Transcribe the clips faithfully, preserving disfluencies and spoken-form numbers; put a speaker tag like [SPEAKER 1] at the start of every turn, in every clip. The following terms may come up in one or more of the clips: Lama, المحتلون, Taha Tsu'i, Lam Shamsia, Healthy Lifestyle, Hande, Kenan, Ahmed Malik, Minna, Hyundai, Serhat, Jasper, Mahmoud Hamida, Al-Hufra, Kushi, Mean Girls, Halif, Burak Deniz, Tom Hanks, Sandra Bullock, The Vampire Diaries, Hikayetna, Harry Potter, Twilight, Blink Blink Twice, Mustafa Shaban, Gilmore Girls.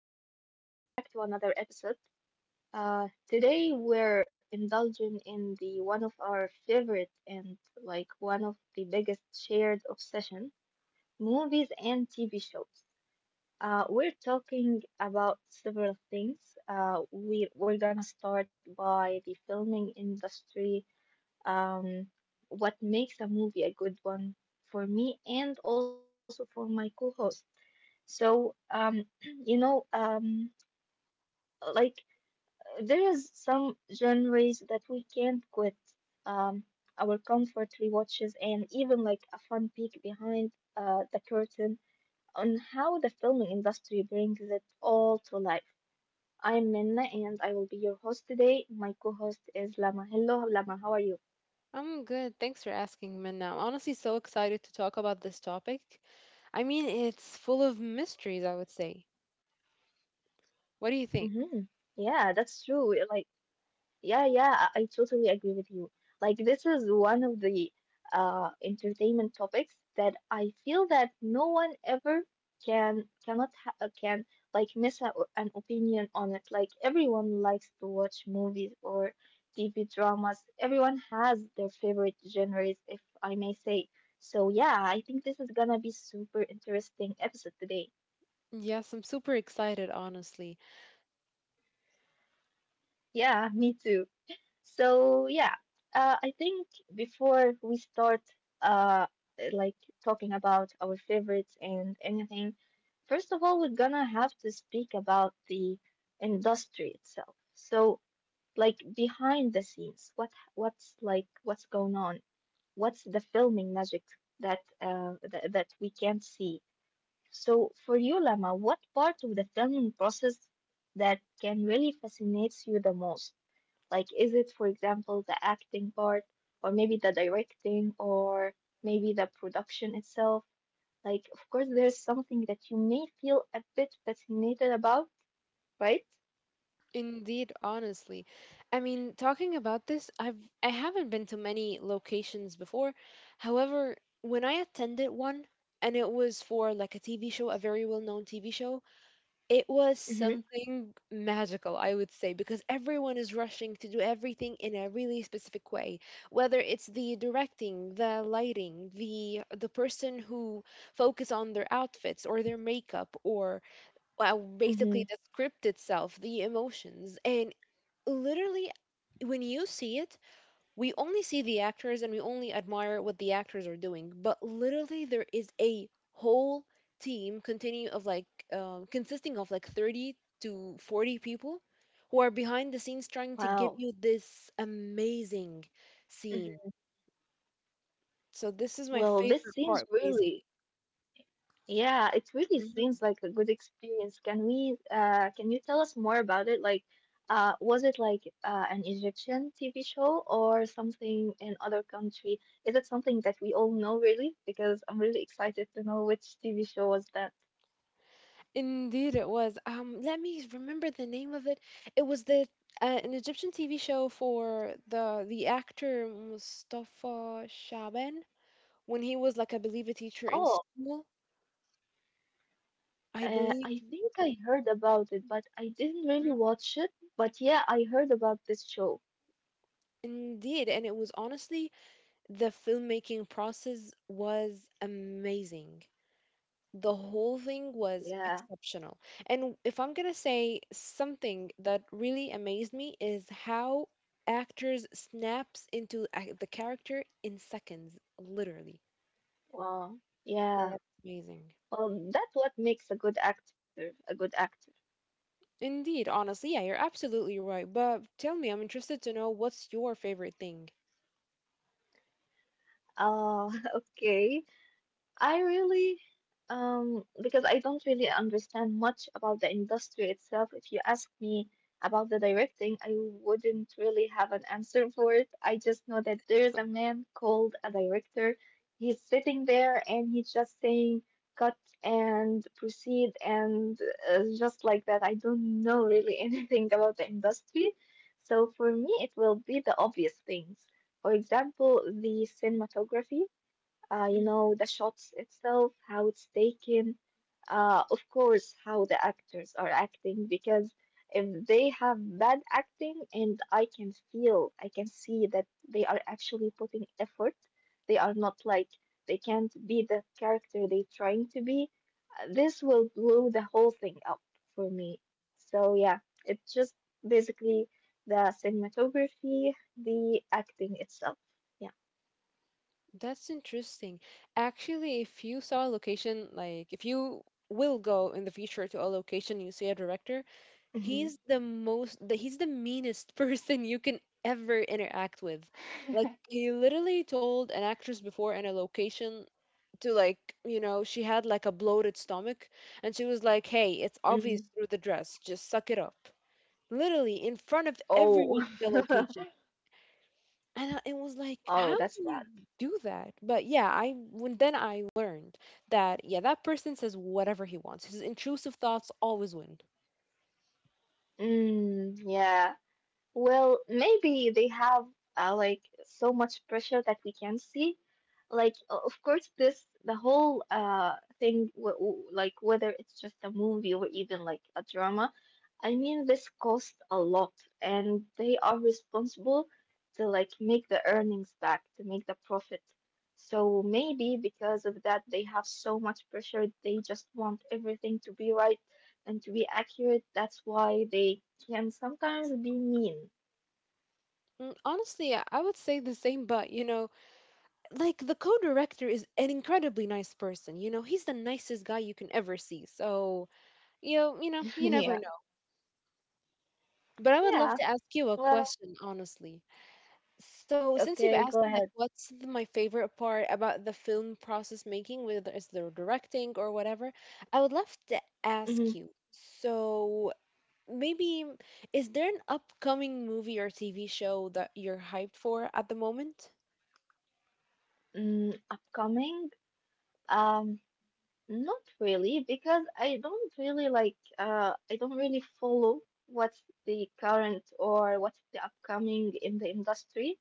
[SPEAKER 1] and welcome back to another episode. Uh, today, we're indulging in the one of our favorite and like one of the biggest shared obsession movies and T V shows. Uh, we're talking about several things. Uh, we, we're gonna start by the filming industry, um, what makes a movie a good one for me and also for my co host. So, um, you know, um, like there is some genres that we can't quit. Um, our comfort rewatches and even like a fun peek behind uh, the curtain on how the filming industry brings it all to life. I'm Minna, and I will be your host today. My co-host is Lama. Hello, Lama. How are you?
[SPEAKER 2] I'm good. Thanks for asking, Minna. I'm honestly so excited to talk about this topic. I mean, it's full of mysteries, I would say. What do you think?
[SPEAKER 1] Hmm, yeah, that's true. Like Yeah, yeah, I, I totally agree with you. Like, this is one of the uh, entertainment topics that I feel that no one ever can cannot ha uh, can like miss a, an opinion on it. Like, everyone likes to watch movies or T V dramas. Everyone has their favorite genres, if I may say. So, yeah, I think this is gonna be super interesting episode today.
[SPEAKER 2] Yes, I'm super excited, honestly.
[SPEAKER 1] Yeah, me too. So yeah, uh, I think before we start, uh, like talking about our favorites and anything, first of all, we're gonna have to speak about the industry itself. So, like behind the scenes, what what's like what's going on? What's the filming magic that uh, that that we can't see? So, for you, Lama, what part of the filming process that can really fascinates you the most? Like, is it, for example, the acting part, or maybe the directing, or maybe the production itself? Like, of course, there's something that you may feel a bit fascinated about, right?
[SPEAKER 2] Indeed, honestly. I mean, talking about this, I've I haven't been to many locations before. However, when I attended one, and it was for like a T V show, a very well-known T V show, it was
[SPEAKER 1] Mm-hmm.
[SPEAKER 2] something magical, I would say, because everyone is rushing to do everything in a really specific way. Whether it's the directing, the lighting, the the person who focus on their outfits or their makeup, or well,
[SPEAKER 1] Mm-hmm.
[SPEAKER 2] basically the script itself, the emotions, and literally when you see it, we only see the actors and we only admire what the actors are doing, but literally there is a whole team continue of like um, consisting of like thirty to forty people who are behind the scenes trying to
[SPEAKER 1] Wow.
[SPEAKER 2] give you this amazing scene. So this is my
[SPEAKER 1] Well, this
[SPEAKER 2] favorite
[SPEAKER 1] seems
[SPEAKER 2] part,
[SPEAKER 1] really
[SPEAKER 2] basically.
[SPEAKER 1] Yeah, it really
[SPEAKER 2] Mhm.
[SPEAKER 1] seems like a good experience. Can we, uh, can you tell us more about it? Like, uh, was it like uh, an Egyptian T V show or something in other country? Is it something that we all know really? Because I'm really excited to know which T V show was that.
[SPEAKER 2] Indeed, it was. Um, let me remember the name of it. It was the uh, an Egyptian T V show for the the actor Mustafa Shaban, when he was, like, I believe a teacher in
[SPEAKER 1] Oh,
[SPEAKER 2] school. I
[SPEAKER 1] uh,
[SPEAKER 2] believe.
[SPEAKER 1] I think I heard about it, but I didn't really
[SPEAKER 2] Mhm.
[SPEAKER 1] watch it. But yeah, I heard about this show.
[SPEAKER 2] Indeed, and it was, honestly, the filmmaking process was amazing. The whole thing was
[SPEAKER 1] Yeah.
[SPEAKER 2] exceptional. And if I'm gonna say something that really amazed me is how actors snaps into a- the character in seconds, literally.
[SPEAKER 1] Wow. Yeah.
[SPEAKER 2] That's amazing.
[SPEAKER 1] Well, that's what makes a good actor, a good actor.
[SPEAKER 2] Indeed, honestly, yeah, you're absolutely right. But tell me, I'm interested to know, what's your favorite thing?
[SPEAKER 1] Oh, okay. I really, um, because I don't really understand much about the industry itself. If you ask me about the directing, I wouldn't really have an answer for it. I just know that there's a man called a director. He's sitting there and he's just saying cut and proceed and uh, just like that. I don't know really anything about the industry. So for me, it will be the obvious things. For example, the cinematography, uh, you
[SPEAKER 2] Mm.
[SPEAKER 1] know, the shots itself, how it's taken, uh, of course, how the actors are acting, because if they have bad acting and I can feel, I can see that they are actually putting effort, they are not like, they can't be the character they're trying to be, uh, this will blow the whole thing up for me. So, yeah, it's just basically the cinematography, the acting itself. Yeah.
[SPEAKER 2] That's interesting. Actually, if you saw a location, like if you will go in the future to a location, you see a director, he's
[SPEAKER 1] Mhm.
[SPEAKER 2] the most, the, he's the meanest person you can ever interact with. Like, he literally told an actress before in a location to, like, you know, she had like a bloated stomach, and she was like, hey, it's obvious through the dress, just suck it up, literally in front of
[SPEAKER 1] Oh,
[SPEAKER 2] everyone in the location. And I- it was like,
[SPEAKER 1] oh,
[SPEAKER 2] how
[SPEAKER 1] that's
[SPEAKER 2] can you
[SPEAKER 1] bad.
[SPEAKER 2] do that? But yeah, I when then I learned that, yeah, that person says whatever he wants, his intrusive thoughts always win.
[SPEAKER 1] Mm, yeah. Well, maybe they have uh, like so much pressure that we can see. Like, o- of course, this the whole uh thing, w w like whether it's just a movie or even like a drama, I mean, this costs a lot, and they are responsible to like make the earnings back, to make the profit. So maybe because of that, they have so much pressure. They just want everything to be right and to be accurate. That's why they can sometimes be mean.
[SPEAKER 2] Mm, honestly i I would say the same, but you know, like, the co-director is an incredibly nice person, you know, he's the nicest guy you can ever see. So, you know you know you never…
[SPEAKER 1] Yeah.
[SPEAKER 2] But I would love
[SPEAKER 1] Yeah.
[SPEAKER 2] to ask you a
[SPEAKER 1] Well,
[SPEAKER 2] question, honestly. So, since you've
[SPEAKER 1] okay,
[SPEAKER 2] asked
[SPEAKER 1] go
[SPEAKER 2] me, like,
[SPEAKER 1] ahead.
[SPEAKER 2] what's th- my favorite part about the film process making, whether it's the directing or whatever, I would love to
[SPEAKER 1] Mhm.
[SPEAKER 2] ask you. So, maybe, is there an upcoming movie or T V show that you're hyped for at the moment?
[SPEAKER 1] Mm, upcoming? Um, Not really, because I don't really like, uh, I don't really follow what's the current or what's the upcoming in the industry.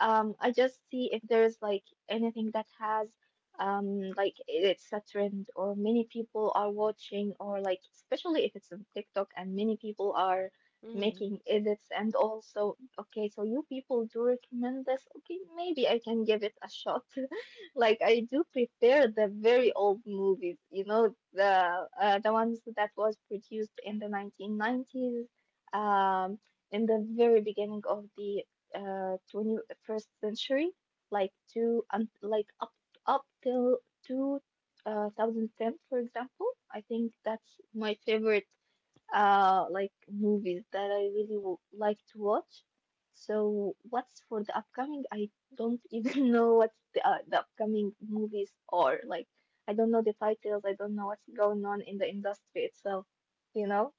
[SPEAKER 1] Um, I just see if there's like anything that has um like it's a trend or many people are watching, or like especially if it's on TikTok and many people are making
[SPEAKER 2] Mm.
[SPEAKER 1] edits and also okay, so you people do recommend this. Okay, maybe I can give it a shot. Like I do prefer the very
[SPEAKER 2] Mm.
[SPEAKER 1] old movies, you know, the uh, the ones that was produced in the nineteen nineties, um, in the very beginning of the uh, twenty-first century, like to um, like up up till two thousand ten, for example. I think that's my favorite uh, like movies that I really w like to watch. So what's for the upcoming? I don't even know what the, uh, the upcoming movies are. Like I don't know the titles. I don't know what's going on in the industry itself, you know?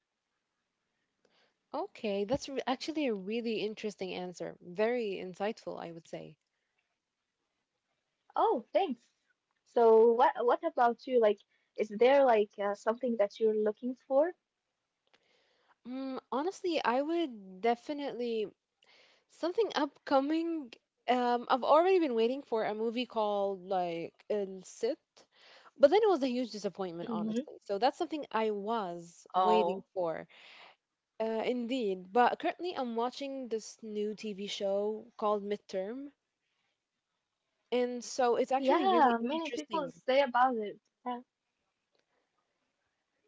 [SPEAKER 2] Okay, that's re- actually a really interesting answer. Very insightful, I would say.
[SPEAKER 1] Oh, thanks. So what what about you? Like, is there like uh, something that you're looking for?
[SPEAKER 2] Mm, honestly, I would definitely… Something upcoming. Um, I've already been waiting for a movie called like El Cid, but then it was a huge disappointment,
[SPEAKER 1] Mm-hmm.
[SPEAKER 2] honestly. So that's something I was waiting
[SPEAKER 1] Oh,
[SPEAKER 2] for, uh, indeed. But currently, I'm watching this new T V show called Midterm, and so it's actually
[SPEAKER 1] yeah.
[SPEAKER 2] really
[SPEAKER 1] Many people
[SPEAKER 2] interesting.
[SPEAKER 1] say about it. Yeah.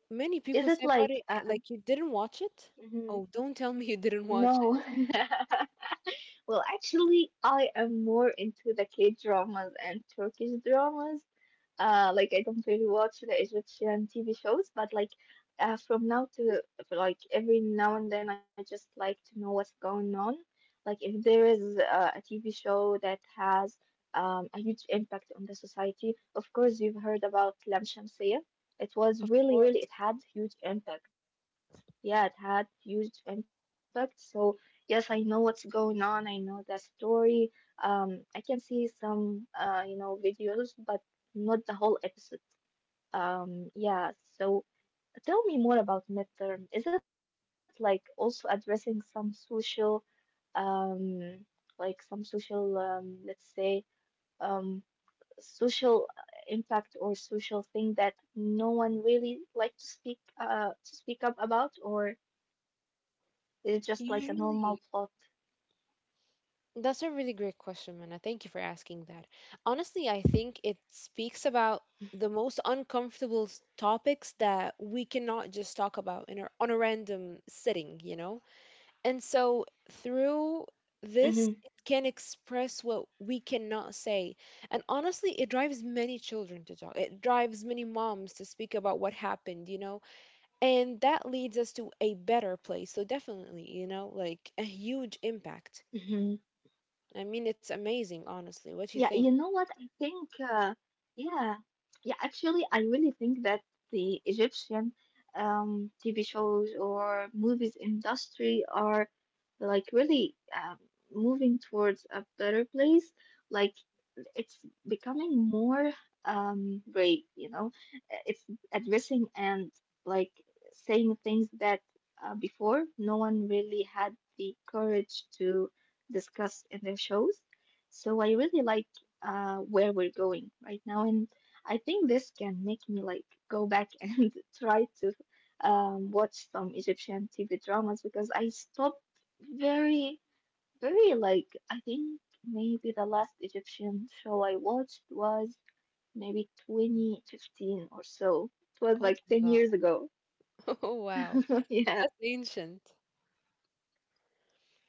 [SPEAKER 2] Many people
[SPEAKER 1] Is
[SPEAKER 2] say
[SPEAKER 1] it
[SPEAKER 2] about
[SPEAKER 1] like
[SPEAKER 2] it,
[SPEAKER 1] uh,
[SPEAKER 2] like, you didn't watch it.
[SPEAKER 1] mhm.
[SPEAKER 2] Oh, don't tell me you didn't
[SPEAKER 1] No?
[SPEAKER 2] watch it.
[SPEAKER 1] Well, actually, I am more into the K dramas and Turkish dramas. Uh, like I don't really watch the Egyptian T V shows, but like uh, from now to like every now and then, I just like to know what's going on. Like if there is uh, a T V show that has um, a huge impact on the society, of course you've heard about Lam Shamsia. It was
[SPEAKER 2] Of
[SPEAKER 1] really, really,
[SPEAKER 2] course,
[SPEAKER 1] it had huge impact. Yeah, it had huge impact. So yes, I know what's going on. I know the story. Um, I can see some, uh, you know, videos, but not the whole episode. Um, yeah, so tell me more about midterm. Is it like also addressing some social, um, like some social, um, let's say, um, social uh, impact or social thing that no one really like to speak, uh, to speak up about, or is it just like a normal plot?
[SPEAKER 2] usually. That's a really great question, Mana. Thank you for asking that. Honestly, I think it speaks about the most uncomfortable s- topics that we cannot just talk about in a, on a random sitting, you know? And so through this, it can express what we cannot say. And honestly, it drives many children to talk. It drives many moms to speak about what happened, you know? And that leads us to a better place. So definitely, you know, like a huge impact.
[SPEAKER 1] Mm-hmm.
[SPEAKER 2] I mean, it's amazing, honestly. What you
[SPEAKER 1] Yeah,
[SPEAKER 2] think?
[SPEAKER 1] you know what? I think, uh, yeah, yeah, actually, I really think that the Egyptian um, T V shows or movies industry are like really um, moving towards a better place. Like, it's becoming more um brave, you know. Uh, It's addressing and like saying things that uh, before no one really had the courage to discuss in their shows. So I really like uh where we're going right now, and I think this can make me like go back and try to um watch some Egyptian T V dramas because I stopped very very like I think maybe the last Egyptian show I watched was maybe twenty fifteen or so. It was
[SPEAKER 2] Oh
[SPEAKER 1] like
[SPEAKER 2] my
[SPEAKER 1] ten
[SPEAKER 2] God.
[SPEAKER 1] years ago.
[SPEAKER 2] Oh, wow.
[SPEAKER 1] Yeah.
[SPEAKER 2] That's ancient.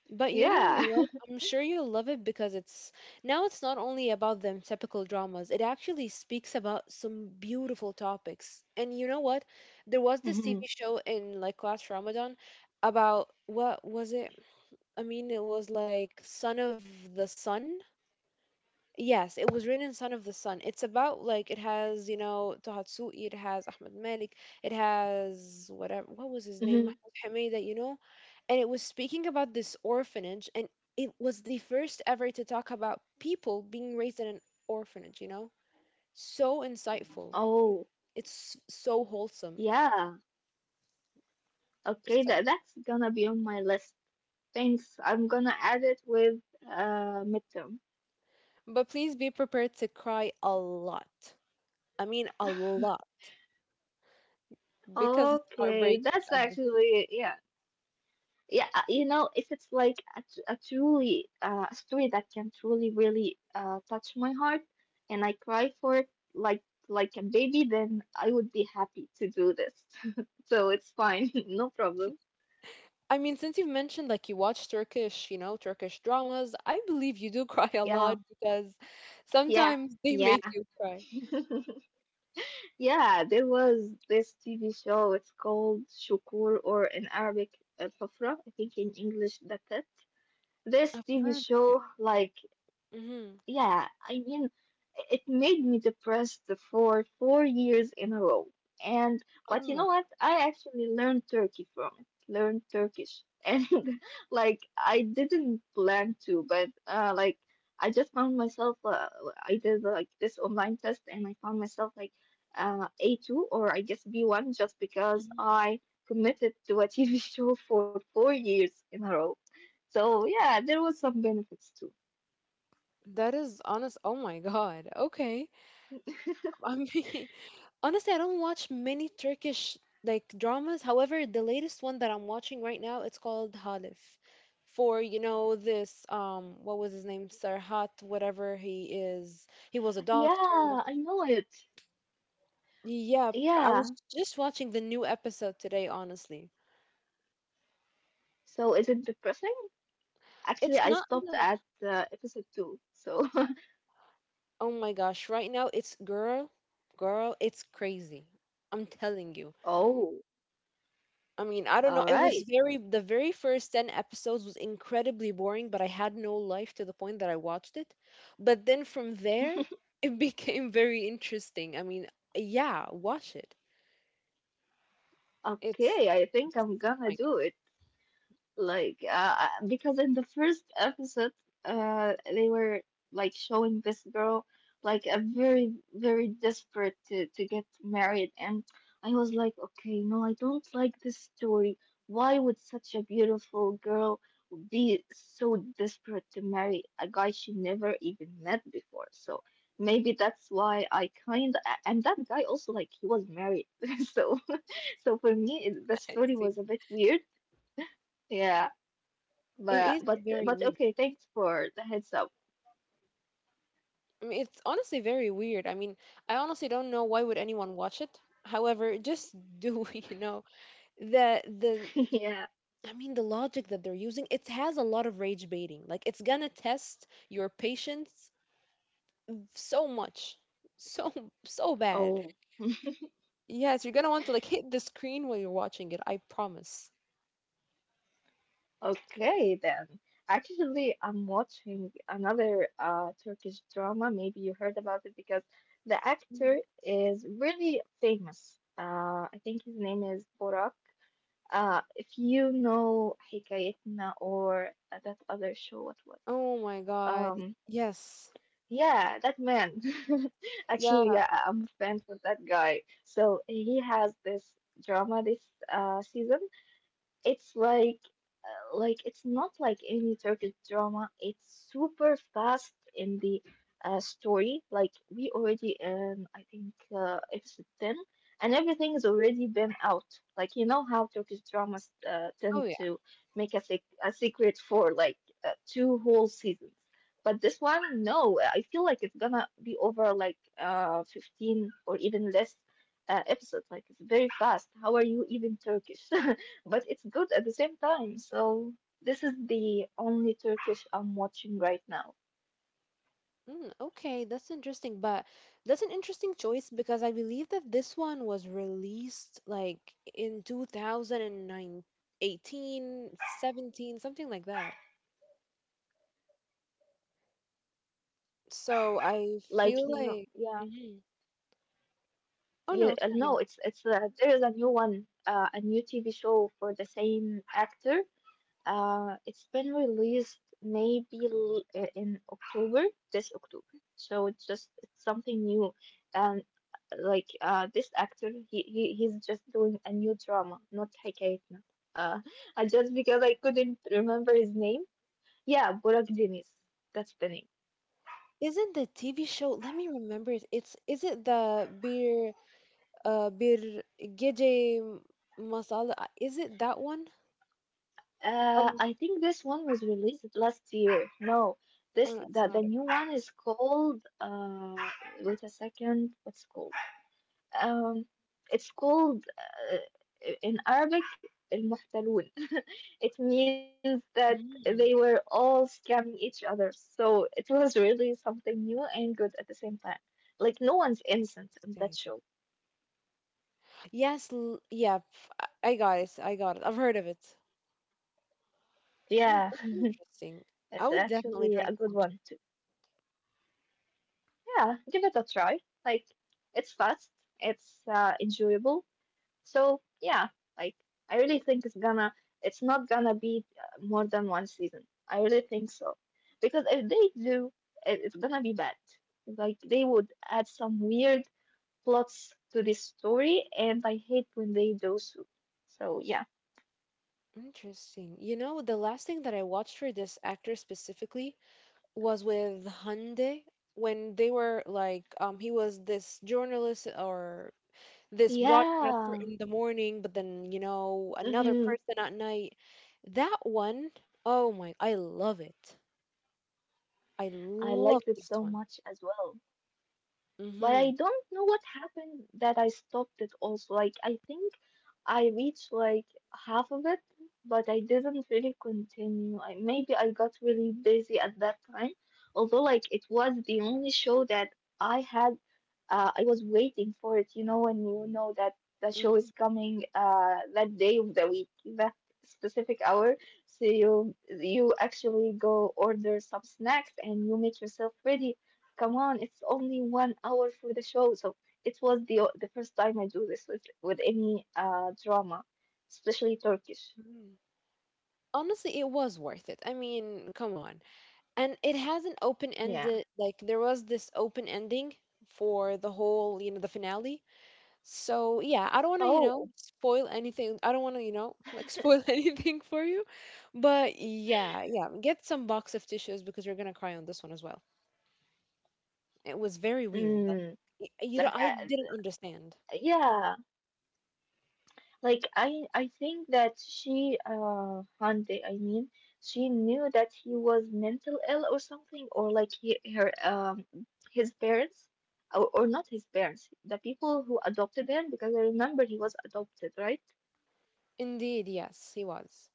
[SPEAKER 2] But you
[SPEAKER 1] Yeah.
[SPEAKER 2] know what? I'm sure you'll love it because it's now, it's not only about them typical dramas. It actually speaks about some beautiful topics. And you know what? There was this
[SPEAKER 1] Hmm.
[SPEAKER 2] T V show in like last Ramadan. About, what was it? I mean, it was like Son of the Sun. Yes, it was written in Son of the Sun. It's about, like, it has, you know, Taha Tsu'i, it has Ahmed Malik, it has, whatever, what was his name?
[SPEAKER 1] Hmm.
[SPEAKER 2] Mahmoud Hamida, you know? And it was speaking about this orphanage, and it was the first ever to talk about people being raised in an orphanage, you know? So insightful.
[SPEAKER 1] Oh,
[SPEAKER 2] It's so wholesome.
[SPEAKER 1] yeah. Okay,
[SPEAKER 2] So,
[SPEAKER 1] that that's gonna be on my list. Thanks. I'm gonna add it with uh midterm.
[SPEAKER 2] but please be prepared to cry a lot. I mean, a lot, because it's
[SPEAKER 1] Okay,
[SPEAKER 2] heartbreaking.
[SPEAKER 1] that's
[SPEAKER 2] um,
[SPEAKER 1] actually yeah. Yeah, uh, you know, if it's like a, tr- a truly uh, a story that can truly really uh, touch my heart and I cry for it like like a baby, then I would be happy to do this. So it's fine, no problem.
[SPEAKER 2] I mean, since you've mentioned like you watch Turkish, you know, Turkish dramas, I believe you do cry a
[SPEAKER 1] Yeah,
[SPEAKER 2] lot, because
[SPEAKER 1] yeah,
[SPEAKER 2] sometimes they
[SPEAKER 1] yeah.
[SPEAKER 2] make you cry.
[SPEAKER 1] Yeah, there was this T V show. It's called Shukur, or in Arabic, Al-Hufra. I think in English, The Pit. This
[SPEAKER 2] I've
[SPEAKER 1] T V
[SPEAKER 2] heard
[SPEAKER 1] show,
[SPEAKER 2] of it.
[SPEAKER 1] like,
[SPEAKER 2] Hmm.
[SPEAKER 1] yeah, I mean, it made me depressed for four years in a row. And
[SPEAKER 2] Oh
[SPEAKER 1] But you know
[SPEAKER 2] my.
[SPEAKER 1] what? I actually learned Turkey from it. Learned Turkish, and like I didn't plan to, but uh, like I just found myself. Uh, I did like this online test, and I found myself like uh, A two, or I guess B one, just because
[SPEAKER 2] Mhm.
[SPEAKER 1] I committed to a T V show for four years in a row. So yeah, there was some benefits too.
[SPEAKER 2] That is honest. Oh my God. Okay. I mean, honestly, I don't watch many Turkish like dramas. However, the latest one that I'm watching right now, it's called Halif. For, you know, this um what was his name? Serhat, whatever he is. He was a doctor.
[SPEAKER 1] Yeah, I know it.
[SPEAKER 2] Yeah, I
[SPEAKER 1] Yeah.
[SPEAKER 2] was just watching the new episode today, honestly.
[SPEAKER 1] So is it depressing? Actually,
[SPEAKER 2] It's
[SPEAKER 1] I
[SPEAKER 2] not
[SPEAKER 1] stopped
[SPEAKER 2] the,
[SPEAKER 1] at uh, episode two. So,
[SPEAKER 2] oh my gosh, right now it's girl, girl, it's crazy. I'm telling you.
[SPEAKER 1] oh,
[SPEAKER 2] I mean, I don't know.
[SPEAKER 1] all
[SPEAKER 2] It was
[SPEAKER 1] right.
[SPEAKER 2] very, the very first ten episodes was incredibly boring, but I had no life to the point that I watched it. But then from there, it became very interesting. I mean, yeah, watch it. It's,
[SPEAKER 1] Okay, I think I'm
[SPEAKER 2] oh
[SPEAKER 1] gonna
[SPEAKER 2] my God,
[SPEAKER 1] do it. Like, uh, uh, because in the first episode, uh, they were like showing this girl like a very, very desperate to to get married, and I was like, okay, no, I don't like this story. Why would such a beautiful girl be so desperate to marry a guy she never even met before? So maybe that's why I kind of, and that guy also like he was married, so so for me it, the story was
[SPEAKER 2] see.
[SPEAKER 1] a bit weird. Yeah,
[SPEAKER 2] It
[SPEAKER 1] but
[SPEAKER 2] is
[SPEAKER 1] but
[SPEAKER 2] very
[SPEAKER 1] but
[SPEAKER 2] weird.
[SPEAKER 1] okay, thanks for the heads up.
[SPEAKER 2] I mean, it's honestly very weird. I mean, I honestly don't know why would anyone watch it. However, just do you know the the
[SPEAKER 1] Yeah.
[SPEAKER 2] I mean the logic that they're using, it has a lot of rage baiting. Like, it's gonna test your patience so much. So so bad.
[SPEAKER 1] Oh,
[SPEAKER 2] Yes, you're gonna want to like hit the screen while you're watching it, I promise.
[SPEAKER 1] okay then. Actually, I'm watching another uh Turkish drama. Maybe you heard about it because the actor
[SPEAKER 2] Mhm.
[SPEAKER 1] is really famous. Uh, I think his name is Borak. Uh, if you know Hikayetna or that other show, what was it?
[SPEAKER 2] Oh my god.
[SPEAKER 1] Um.
[SPEAKER 2] Yes.
[SPEAKER 1] Yeah, that man. Actually,
[SPEAKER 2] Yeah.
[SPEAKER 1] yeah, I- I'm a fan for that guy. So he has this drama this uh, season. It's like uh, like it's not like any Turkish drama. It's super fast in the uh, story. Like we already in I think uh, episode ten, and everything has already been out. Like you know how Turkish dramas uh,
[SPEAKER 2] Oh
[SPEAKER 1] tend
[SPEAKER 2] yeah.
[SPEAKER 1] to make a sec a secret for like uh, two whole seasons. But this one, no, I feel like it's gonna be over like uh fifteen or even less uh, episodes. Like it's very fast. How are you even Turkish? But it's good at the same time. So this is the only Turkish I'm watching right now.
[SPEAKER 2] Mm, okay, that's interesting, but that's an interesting choice because I believe that this one was released like in two thousand and nine, eighteen, seventeen, something like that. So I
[SPEAKER 1] Like
[SPEAKER 2] feel
[SPEAKER 1] you know,
[SPEAKER 2] like,
[SPEAKER 1] yeah,
[SPEAKER 2] mhm. Oh
[SPEAKER 1] yeah.
[SPEAKER 2] no,
[SPEAKER 1] uh, No, it's it's uh, there is a new one, uh, a new T V show for the same actor. Uh, it's been released maybe l- uh, in October, this October. So it's just it's something new, and uh, like uh, this actor, he, he he's just doing a new drama, not Hikayetna. Uh, uh, just because I couldn't remember his name. Yeah, Burak Deniz. That's the name.
[SPEAKER 2] isn't the T V show? Let me remember it. It's, is it the bir uh bir gece masala? Uh, Is it that one?
[SPEAKER 1] Uh,
[SPEAKER 2] Um,
[SPEAKER 1] I think this one was released last year. No,
[SPEAKER 2] oh
[SPEAKER 1] this
[SPEAKER 2] no,
[SPEAKER 1] the
[SPEAKER 2] it's not
[SPEAKER 1] the
[SPEAKER 2] it.
[SPEAKER 1] new one is called. Uh, wait a second. What's it called? Um, it's called uh, in Arabic المحتلون. It means that
[SPEAKER 2] Mm.
[SPEAKER 1] they were all scamming each other. So it was really something new and good at the same time. Like no one's innocent in
[SPEAKER 2] Interesting.
[SPEAKER 1] that show.
[SPEAKER 2] Yes, l- yeah, pf- I I got it. I got it. I've heard of it. Mm,
[SPEAKER 1] Yeah,
[SPEAKER 2] that's interesting. I
[SPEAKER 1] it's
[SPEAKER 2] would definitely
[SPEAKER 1] actually a
[SPEAKER 2] try to
[SPEAKER 1] good
[SPEAKER 2] watch
[SPEAKER 1] one too. Yeah, give it a try. Like, it's fast, it's uh, enjoyable. So, yeah, like, I really think it's gonna, it's not gonna be uh, more than one season. I really think so. Because if they do, it, it's gonna be bad. Like, they would add some weird plots to this story, and I hate when they do so. So, yeah.
[SPEAKER 2] it. Interesting. You know, the last thing that I watched for this actor specifically was with Hyundai, when they were like, um, he was this journalist or this broadcaster
[SPEAKER 1] Yeah.
[SPEAKER 2] in the morning, but then, you know, another
[SPEAKER 1] Hmm.
[SPEAKER 2] person at night. That one, oh my, I love it. I
[SPEAKER 1] I liked it
[SPEAKER 2] love
[SPEAKER 1] so
[SPEAKER 2] this
[SPEAKER 1] much
[SPEAKER 2] one.
[SPEAKER 1] as well. But I
[SPEAKER 2] Mm-hmm.
[SPEAKER 1] don't know what happened that I stopped it also. Like, I think I reached like half of it, but I didn't really continue. I, maybe I got really busy at that time. Although, like, it was the only show that I had. uh, I was waiting for it, you know, when you know that the show
[SPEAKER 2] Mm-hmm.
[SPEAKER 1] is coming uh, that day of the week, that specific hour. So you you actually go order some snacks and you make yourself ready. Come on, it's only one hour for the show. So it was the the first time I do this with with any uh, drama, especially Turkish.
[SPEAKER 2] Mm-hmm. Honestly, it was worth it. I mean, come on. And it has an open
[SPEAKER 1] Yeah.
[SPEAKER 2] ended, like, there was this open ending for the whole, you know, the finale. So yeah, I don't want to, you know,
[SPEAKER 1] Oh.
[SPEAKER 2] spoil anything. I don't want to, you know, like, spoil anything for you, but yeah, yeah, get some box of tissues because you're gonna cry on this one as well. It was very weird, like,
[SPEAKER 1] Mm,
[SPEAKER 2] y- you
[SPEAKER 1] like
[SPEAKER 2] know, I
[SPEAKER 1] I,
[SPEAKER 2] didn't understand…
[SPEAKER 1] yeah. Like I I think that she uh Hande, I mean, she knew that he was mental ill or something, or like he, her um his parents or, or not his parents, the people who adopted him because I remember he was adopted, right?
[SPEAKER 2] Indeed, yes, he was.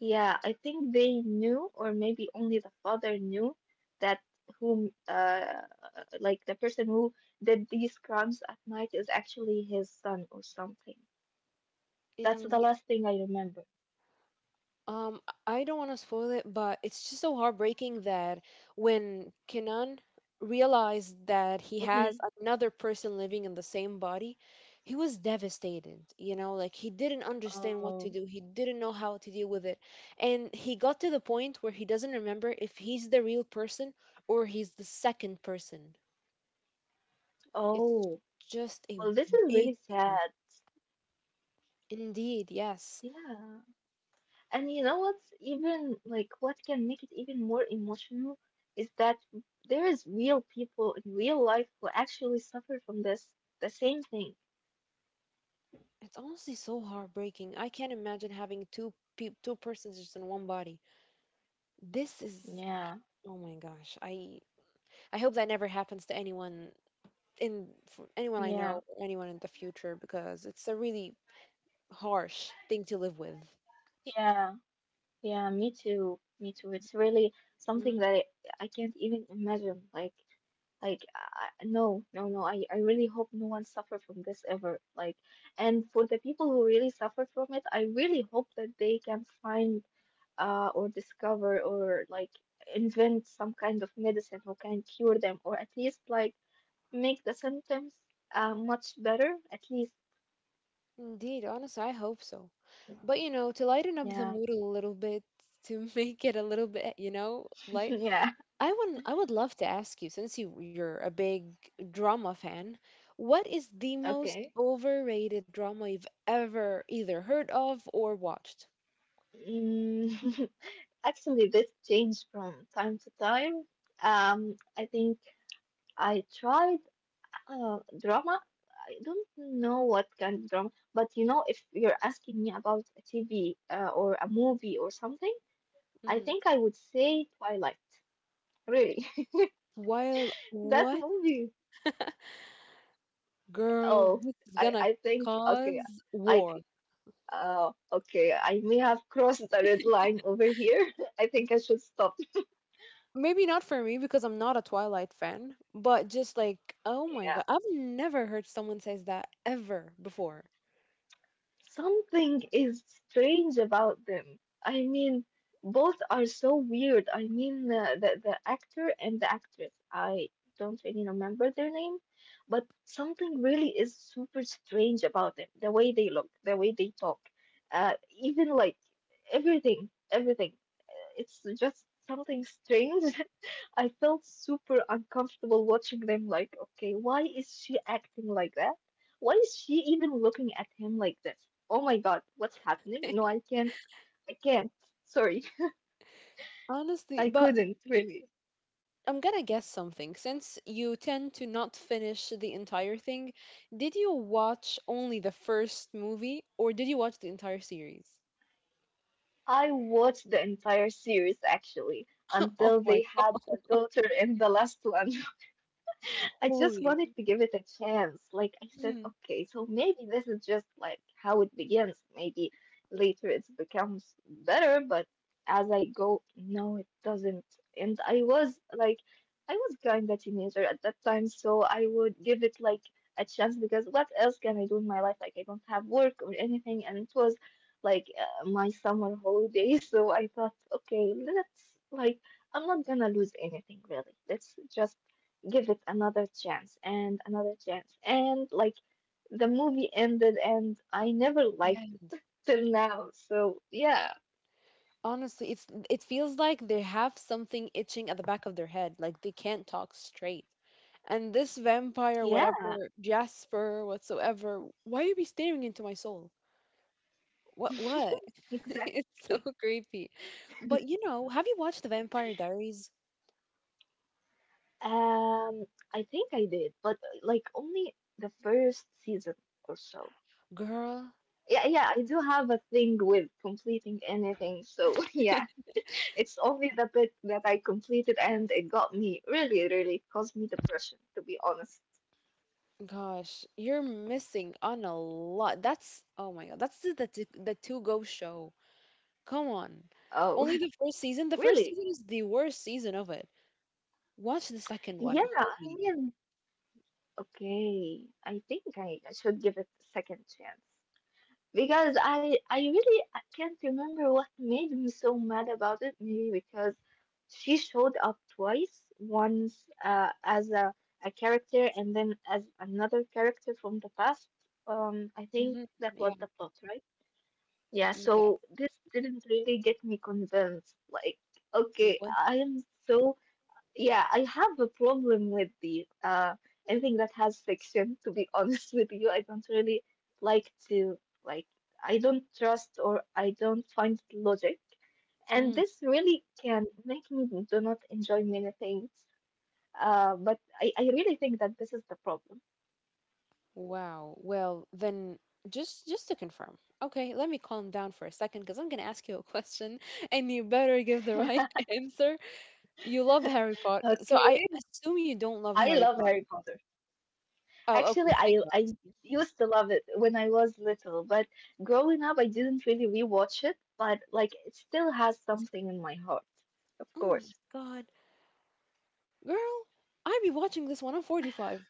[SPEAKER 1] Yeah, I think they knew, or maybe only the father knew that whom uh like the person who did these crimes at night is actually his son or something. That's the last thing I remember.
[SPEAKER 2] Um, I don't want to spoil it, but it's just so heartbreaking that when Kenan realized that he has another person living in the same body, he was devastated. You know, like, he didn't understand what to
[SPEAKER 1] Mm-hmm.
[SPEAKER 2] do. He didn't know how to deal with it. And he got to the point where he doesn't remember if he's the real person or he's the second person. It's
[SPEAKER 1] Oh,
[SPEAKER 2] just a
[SPEAKER 1] well, this is
[SPEAKER 2] big
[SPEAKER 1] really
[SPEAKER 2] thing.
[SPEAKER 1] sad.
[SPEAKER 2] Indeed, yes.
[SPEAKER 1] Yeah. And you know what's even like what can make it even more emotional is that there is real people in real life who actually suffer from this the same thing.
[SPEAKER 2] It's honestly so heartbreaking. I can't imagine having two peop two persons just in one body. This is
[SPEAKER 1] Yeah.
[SPEAKER 2] oh my gosh. I I hope that never happens to anyone, in for anyone I
[SPEAKER 1] Yeah.
[SPEAKER 2] know or anyone in the future, because it's a really harsh thing to live with.
[SPEAKER 1] Yeah. Yeah, me too. Me too. It's really something
[SPEAKER 2] Mm,
[SPEAKER 1] that I, I can't even imagine. Like Like, I, I- no, no, no. I, I really hope no one suffer from this ever. Like, and for the people who really suffer from it, I really hope that they can find uh or discover or like invent some kind of medicine who can cure them or at least like make the symptoms uh much better. At least,
[SPEAKER 2] indeed, honestly, I hope so. But you know, to lighten up the
[SPEAKER 1] yeah,
[SPEAKER 2] mood a little bit, to make it a little bit, you know, light,
[SPEAKER 1] yeah.
[SPEAKER 2] I would I would love to ask you, since you you're a big drama fan, what is the most
[SPEAKER 1] Okay.
[SPEAKER 2] overrated drama you've ever either heard of or watched?
[SPEAKER 1] Mm, actually, this changed from time to time. Um, I think. I tried Uh, drama? I don't know what kind of drama, but you know, if you're asking me about a T V uh, or a movie or something, I
[SPEAKER 2] Mm.
[SPEAKER 1] think I would say Twilight. Really,
[SPEAKER 2] While
[SPEAKER 1] that
[SPEAKER 2] what
[SPEAKER 1] movie.
[SPEAKER 2] girl,
[SPEAKER 1] Oh,
[SPEAKER 2] this is
[SPEAKER 1] I
[SPEAKER 2] gonna
[SPEAKER 1] I think okay,
[SPEAKER 2] cause
[SPEAKER 1] I
[SPEAKER 2] war.
[SPEAKER 1] c- uh okay, I may have crossed the red line over here. I think I should stop.
[SPEAKER 2] Maybe not for me because I'm not a Twilight fan, but just like, oh my
[SPEAKER 1] Yeah.
[SPEAKER 2] god, I've never heard someone says that ever before.
[SPEAKER 1] Something is strange about them. I mean, both are so weird. I mean, uh, the the actor and the actress. I don't really remember their name, but something really is super strange about them. The way they look, the way they talk, uh, even like everything, everything. Uh, It's just something strange. I felt super uncomfortable watching them. Like, okay, why is she acting like that? Why is she even looking at him like this? Oh my God, what's happening? No, I can't. I can't. Sorry, I
[SPEAKER 2] Honestly, but
[SPEAKER 1] couldn't really.
[SPEAKER 2] I'm gonna guess something. Since you tend to not finish the entire thing, did you watch only the first movie or did you watch the entire series?
[SPEAKER 1] I watched the entire series actually
[SPEAKER 2] Oh
[SPEAKER 1] until
[SPEAKER 2] my
[SPEAKER 1] they had the daughter in the last one. I just
[SPEAKER 2] holy.
[SPEAKER 1] wanted to give it a chance. Like I said,
[SPEAKER 2] Mhm.
[SPEAKER 1] okay, so maybe this is just like how it begins. Maybe later it becomes better, but as I go, no, it doesn't. And I was like, I was kind of teenager at that time, so I would give it like a chance because what else can I do in my life? Like I don't have work or anything, and it was like uh, my summer holidays, so I thought, okay, let's like. I'm not gonna lose anything really. Let's just give it another chance and another chance and like the movie ended and I never liked
[SPEAKER 2] Yeah.
[SPEAKER 1] it till now. So yeah,
[SPEAKER 2] Honestly, it's it feels like they have something itching at the back of their head, like they can't talk straight. And this vampire,
[SPEAKER 1] yeah,
[SPEAKER 2] whatever, Jasper, whatsoever, why are you be staring into my soul? What what? It's
[SPEAKER 1] exactly.
[SPEAKER 2] so creepy. But you know, have you watched The Vampire Diaries?
[SPEAKER 1] Um, I think I did, but uh, like only the first season or so.
[SPEAKER 2] Girl,
[SPEAKER 1] Yeah, yeah, I do have a thing with completing anything. So yeah, it's only the bit that I completed and it got me really, really caused me depression, to be honest.
[SPEAKER 2] gosh, you're missing on a lot. That's oh my god, that's the the, t- the two go show. Come on,
[SPEAKER 1] Oh,
[SPEAKER 2] only the first season. The first
[SPEAKER 1] really?
[SPEAKER 2] season is the worst season of it. Watch the second
[SPEAKER 1] Yeah,
[SPEAKER 2] one.
[SPEAKER 1] I
[SPEAKER 2] Holy,
[SPEAKER 1] mean, okay, I think I, I should give it a second chance because I I really I can't remember what made me so mad about it. Maybe because she showed up twice, once uh, as a, a character and then as another character from the past. Um, I think
[SPEAKER 2] mm-hmm.
[SPEAKER 1] that
[SPEAKER 2] Yeah,
[SPEAKER 1] was the plot, right? Yeah,
[SPEAKER 2] yeah.
[SPEAKER 1] so this didn't really get me convinced. Like, okay,
[SPEAKER 2] What?
[SPEAKER 1] I am so yeah, I have a problem with the uh anything that has fiction, to be honest with you. I don't really like to like I don't trust or I don't find logic. And
[SPEAKER 2] Mm,
[SPEAKER 1] this really can make me do not enjoy many things. Uh, but I, I really think that this is the problem.
[SPEAKER 2] wow. Well, then just just to confirm. Okay, let me calm down for a second because I'm gonna ask you a question, and you better give the right answer. You love Harry Potter, so I
[SPEAKER 1] Okay.
[SPEAKER 2] assume you don't love
[SPEAKER 1] I
[SPEAKER 2] Harry
[SPEAKER 1] love Harry
[SPEAKER 2] Potter.
[SPEAKER 1] Potter.
[SPEAKER 2] Oh, okay.
[SPEAKER 1] Actually, I
[SPEAKER 2] Thank God.
[SPEAKER 1] I used to love it when I was little, but growing up, I didn't really rewatch it. But like, it still has something in my heart, of
[SPEAKER 2] Oh
[SPEAKER 1] course.
[SPEAKER 2] my God. Girl, I be watching this one on forty-five.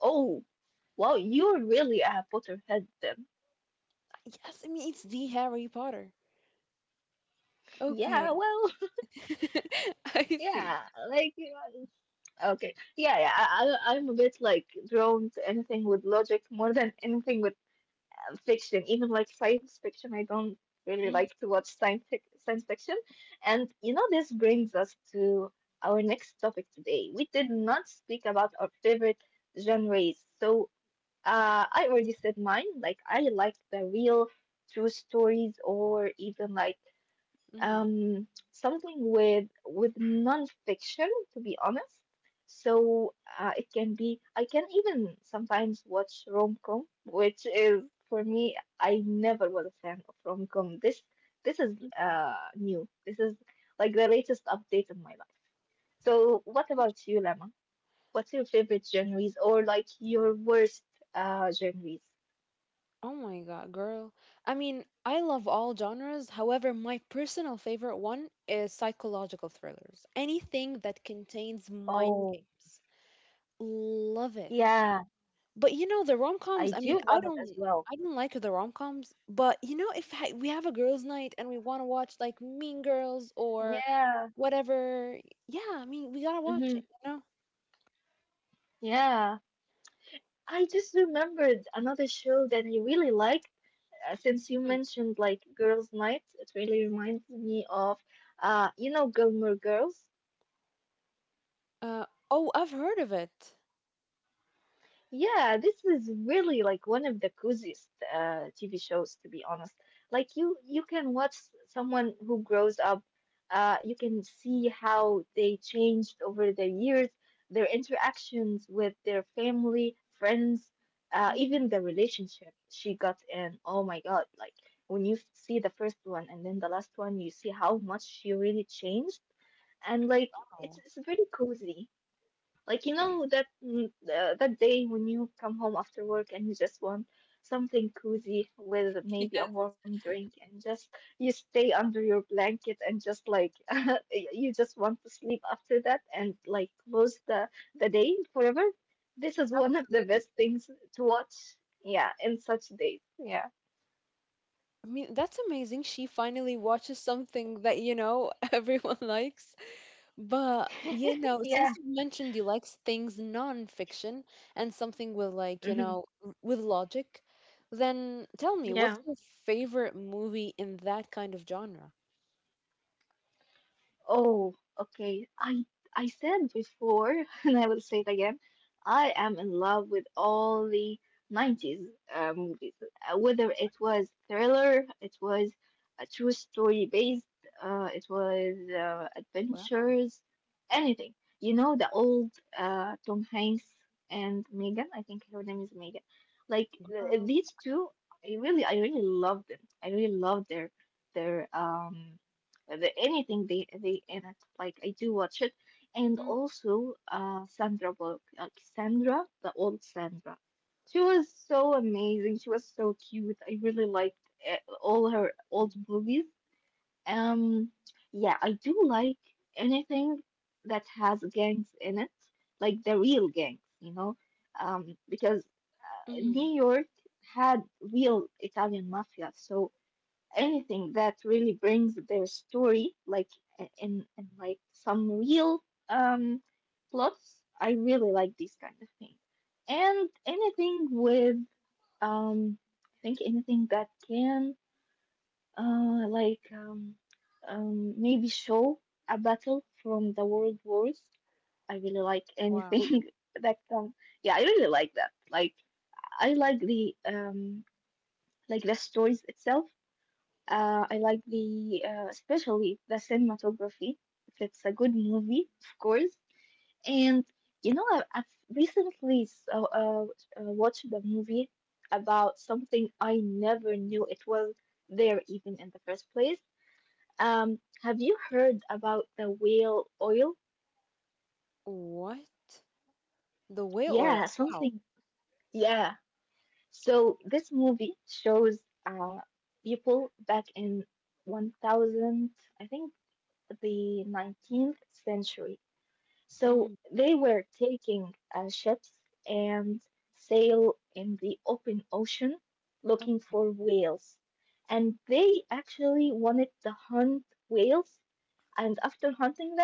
[SPEAKER 1] Oh, wow, you're really a Potterhead then.
[SPEAKER 2] Yes, I mean, it's the Harry Potter.
[SPEAKER 1] Yeah,
[SPEAKER 2] Okay.
[SPEAKER 1] well,
[SPEAKER 2] I see.
[SPEAKER 1] yeah, like, yeah, okay, yeah, yeah. I, I I'm a bit like drawn to anything with logic more than anything with fiction, even like science fiction. I don't really like to watch science fic science fiction. And you know, this brings us to our next topic today. We did not speak about our favorite genres. So uh, I already said mine. Like I like the real true stories or even like
[SPEAKER 2] Mm-hmm.
[SPEAKER 1] um, something with with nonfiction, to be honest. So uh, it can be. I can even sometimes watch rom-com, which is for me. I never was a fan of rom-com. This this is uh, new. This is like the latest update in my life. So what about you, Lama? What's your favorite genres or like your worst uh, genres?
[SPEAKER 2] Oh my God, girl. I mean, I love all genres. However, my personal favorite one is psychological thrillers. Anything that contains mind
[SPEAKER 1] Oh,
[SPEAKER 2] games. Love it.
[SPEAKER 1] yeah,
[SPEAKER 2] But you know the
[SPEAKER 1] I
[SPEAKER 2] rom-coms, I mean,
[SPEAKER 1] do
[SPEAKER 2] I
[SPEAKER 1] love it as
[SPEAKER 2] don't
[SPEAKER 1] well.
[SPEAKER 2] I don't like the rom-coms, but you know if ha we have a girls' night and we want to watch like Mean Girls or
[SPEAKER 1] Yeah.
[SPEAKER 2] whatever, yeah, I mean, we gotta watch it,
[SPEAKER 1] Mm-hmm.
[SPEAKER 2] you know?
[SPEAKER 1] Yeah. I just remembered another show that I really liked. Uh, since you
[SPEAKER 2] Mhm.
[SPEAKER 1] mentioned like Girls' Night, it really reminds me of, uh, you know, Gilmore Girls.
[SPEAKER 2] Uh, oh, I've heard of it.
[SPEAKER 1] Yeah, this is really like one of the coziest uh, T V shows, to be honest. Like you, you can watch s- someone who grows up. Uh, you can see how they changed over the years, their interactions with their family, friends, uh,
[SPEAKER 2] Mm,
[SPEAKER 1] even the relationship she got in. Oh my God! Like when you f- see the first one and then the last one, you see how much she really changed, and like it's
[SPEAKER 2] wow.
[SPEAKER 1] it's very cozy. Like you know that mm, uh, that day when you come home after work and you just want something cozy with maybe
[SPEAKER 2] Yes,
[SPEAKER 1] a warm drink and just you stay under your blanket and just like y- you just want to sleep after that and like close the the day forever. This is one of the
[SPEAKER 2] absolutely.
[SPEAKER 1] best things to watch. Yeah, in such days. Yeah.
[SPEAKER 2] I mean, that's amazing. She finally watches something that, you know, everyone likes. But you know,
[SPEAKER 1] Yeah.
[SPEAKER 2] since you mentioned you like things non-fiction and something with like, you know,
[SPEAKER 1] Hmm.
[SPEAKER 2] r- with logic, then tell me, what's your
[SPEAKER 1] Yeah.
[SPEAKER 2] favorite movie in that kind of genre?
[SPEAKER 1] Oh, okay. I I said before, and I will say it again. I am in love with all the nineties uh, movies. Uh, Whether it was thriller, it was a true story based, uh, it was uh,
[SPEAKER 2] Wow.
[SPEAKER 1] adventures, anything. You know, the old uh, Tom Hanks and Megan, I think her name is Megan. Like uh,
[SPEAKER 2] Girl.
[SPEAKER 1] these two, I really, I really love them. I really love their their um the- anything they they in it. Like I do watch it, and
[SPEAKER 2] Mm,
[SPEAKER 1] also uh Sandra Bullock, like Sandra, the old Sandra. She was so amazing. She was so cute. I really liked eh, all her old movies. Um, yeah, I do like anything that has gangs in it, like the real gangs, you know, um, because
[SPEAKER 2] mm,
[SPEAKER 1] New York had real Italian mafia, so anything that really brings their story like in in like some real um plots. I really like these kind of things, and anything with um I think anything that can uh like um um maybe show a battle from the world wars. I really like
[SPEAKER 2] wow.
[SPEAKER 1] anything that can yeah, I really like that. Like I like the um like the stories itself. uh, I like the uh, especially the cinematography. If it's a good movie, of course. And you know, I, I've recently so, uh, uh, uh, watched a movie about something I never knew it was there even in the first place. Um, have you heard about the whale oil?
[SPEAKER 2] What? The whale oil.
[SPEAKER 1] Yeah,
[SPEAKER 2] Wow.
[SPEAKER 1] something. Yeah. So this movie shows uh, people back in one thousand, I think, the nineteenth century.
[SPEAKER 2] Mm-hmm.
[SPEAKER 1] So they were taking uh, ships and sail in the open ocean
[SPEAKER 2] Oh,
[SPEAKER 1] looking for whales. And they actually wanted to hunt whales. And after hunting them,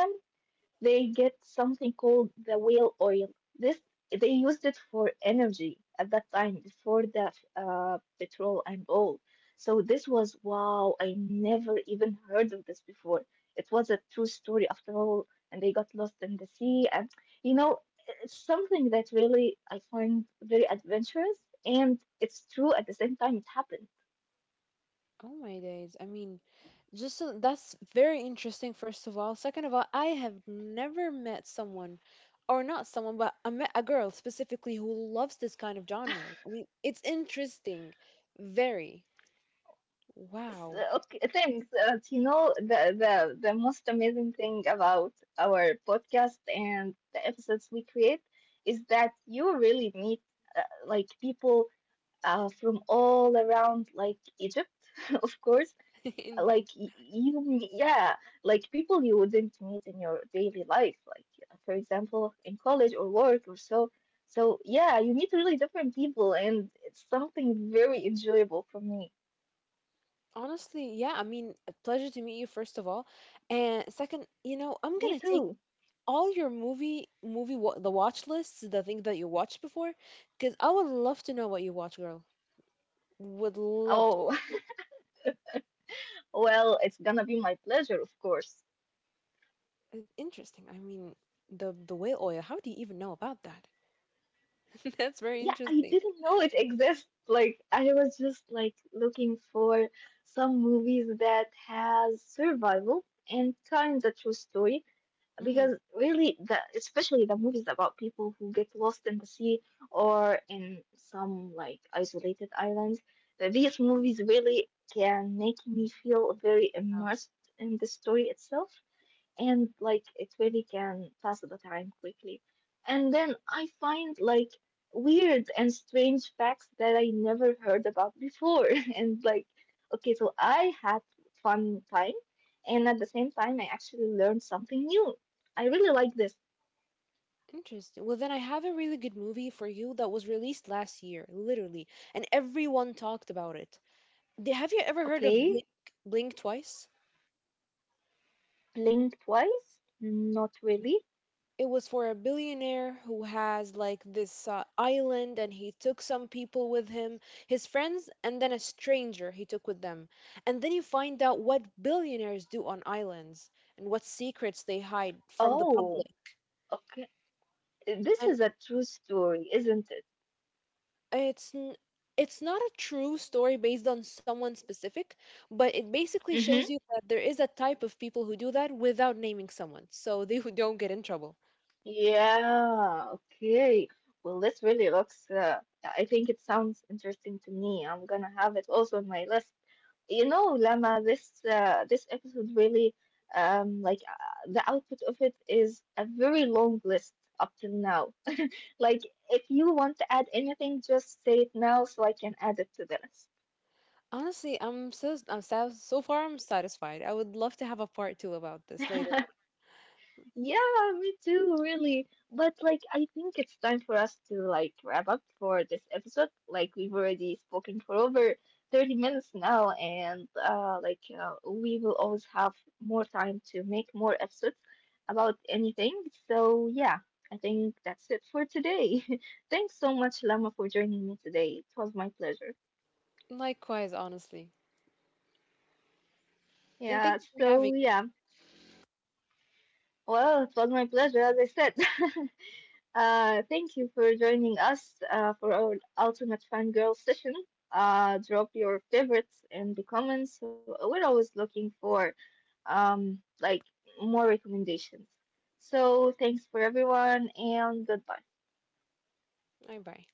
[SPEAKER 1] they get something called the whale oil. This, they used it for energy at that time before the uh, petrol and all. So this was wow! I never even heard of this before. It was a true story after all, and they got lost in the sea. And you know, it's something that really I find very adventurous, and it's true at the same time. It happened.
[SPEAKER 2] oh my days. I mean, Just so- that's very interesting, first of all. Second of all, I have never met someone, or not someone, but I met a girl specifically who loves this kind of genres. I mean, it's interesting. Very.
[SPEAKER 1] So,
[SPEAKER 2] Wow.
[SPEAKER 1] okay, thanks. Uh, you know, the, the, the most amazing thing about our podcast and the episodes we create is that you really meet uh, like people uh, from all around, like Egypt, of course. Like
[SPEAKER 2] Indeed.
[SPEAKER 1] y- you, m- yeah, like people you wouldn't meet in your daily life, like uh, for example, in college or work or so. So yeah, you meet really different people, and it's something very enjoyable for me.
[SPEAKER 2] Honestly, yeah, I mean, a pleasure to meet you, first of all. And second, you know,
[SPEAKER 1] Me
[SPEAKER 2] I'm gonna
[SPEAKER 1] too.
[SPEAKER 2] take all your movie, movie, wa- the watch lists, the things that you watched before, because I would love to know what you watch, girl. Would love to.
[SPEAKER 1] Oh. Well, it's gonna be my pleasure, of course.
[SPEAKER 2] Uh, Interesting. I mean, the the whale oil, how do you even know about that? That's very
[SPEAKER 1] Yeah, I
[SPEAKER 2] interesting.
[SPEAKER 1] didn't know it exists. Like I was just like looking for some movies that has survival and kind of true story,
[SPEAKER 2] Mm,
[SPEAKER 1] because really the, especially the movies about people who get lost in the sea or in some like isolated islands, that these movies really can make me feel very immersed in the story itself, and like it really can pass the time quickly. And then I find like weird and strange facts that I never heard about before. And like, okay, so I had fun time, and at the same time, I actually learned something new. I really like this.
[SPEAKER 2] interesting. Well, then I have a really good movie for you that was released last year, literally, and everyone talked about it. Did- Have you ever heard of Blink
[SPEAKER 1] Okay,
[SPEAKER 2] Blink Twice?
[SPEAKER 1] blink twice? Not really.
[SPEAKER 2] It was for a billionaire who has like this uh, island and he took some people with him, his friends, and then a stranger he took with them. And then you find out what billionaires do on islands and what secrets they hide from the
[SPEAKER 1] Oh,
[SPEAKER 2] public.
[SPEAKER 1] okay. This
[SPEAKER 2] And
[SPEAKER 1] is a true story, isn't
[SPEAKER 2] it's n- it's not a true story based on someone specific, but it basically shows you
[SPEAKER 1] it?
[SPEAKER 2] that there is a type of people who do that without naming someone, so they who don't get in trouble.
[SPEAKER 1] Yeah, okay. Well, this really looks, uh, I think it sounds interesting to me. I'm gonna have it also on my list. You know, Lama, this uh, this episode really, um, like uh, the output of it is a very long list up till now. Like, if you want to add anything, just say it now so I can add it to the list.
[SPEAKER 2] Honestly, I'm so I'm so, so far I'm satisfied. I would love to have a part two about this later.
[SPEAKER 1] Yeah, me too, really. But like, I think it's time for us to like wrap up for this episode. Like, we've already spoken for over thirty minutes now, and uh, like, uh, we will always have more time to make more episodes about anything. So, yeah, I think that's it for today. Thanks so much, Lama, for joining me today. It was my pleasure.
[SPEAKER 2] On. Likewise, honestly. And
[SPEAKER 1] Yeah,
[SPEAKER 2] thank you for
[SPEAKER 1] so
[SPEAKER 2] having me.
[SPEAKER 1] yeah. Well, it was my pleasure, as I said. Uh, thank you for joining us uh, for our Ultimate Fangirl session. Uh, drop your favorites in the comments. We're always looking for um, like more recommendations. So thanks for everyone and goodbye.
[SPEAKER 2] Bye bye.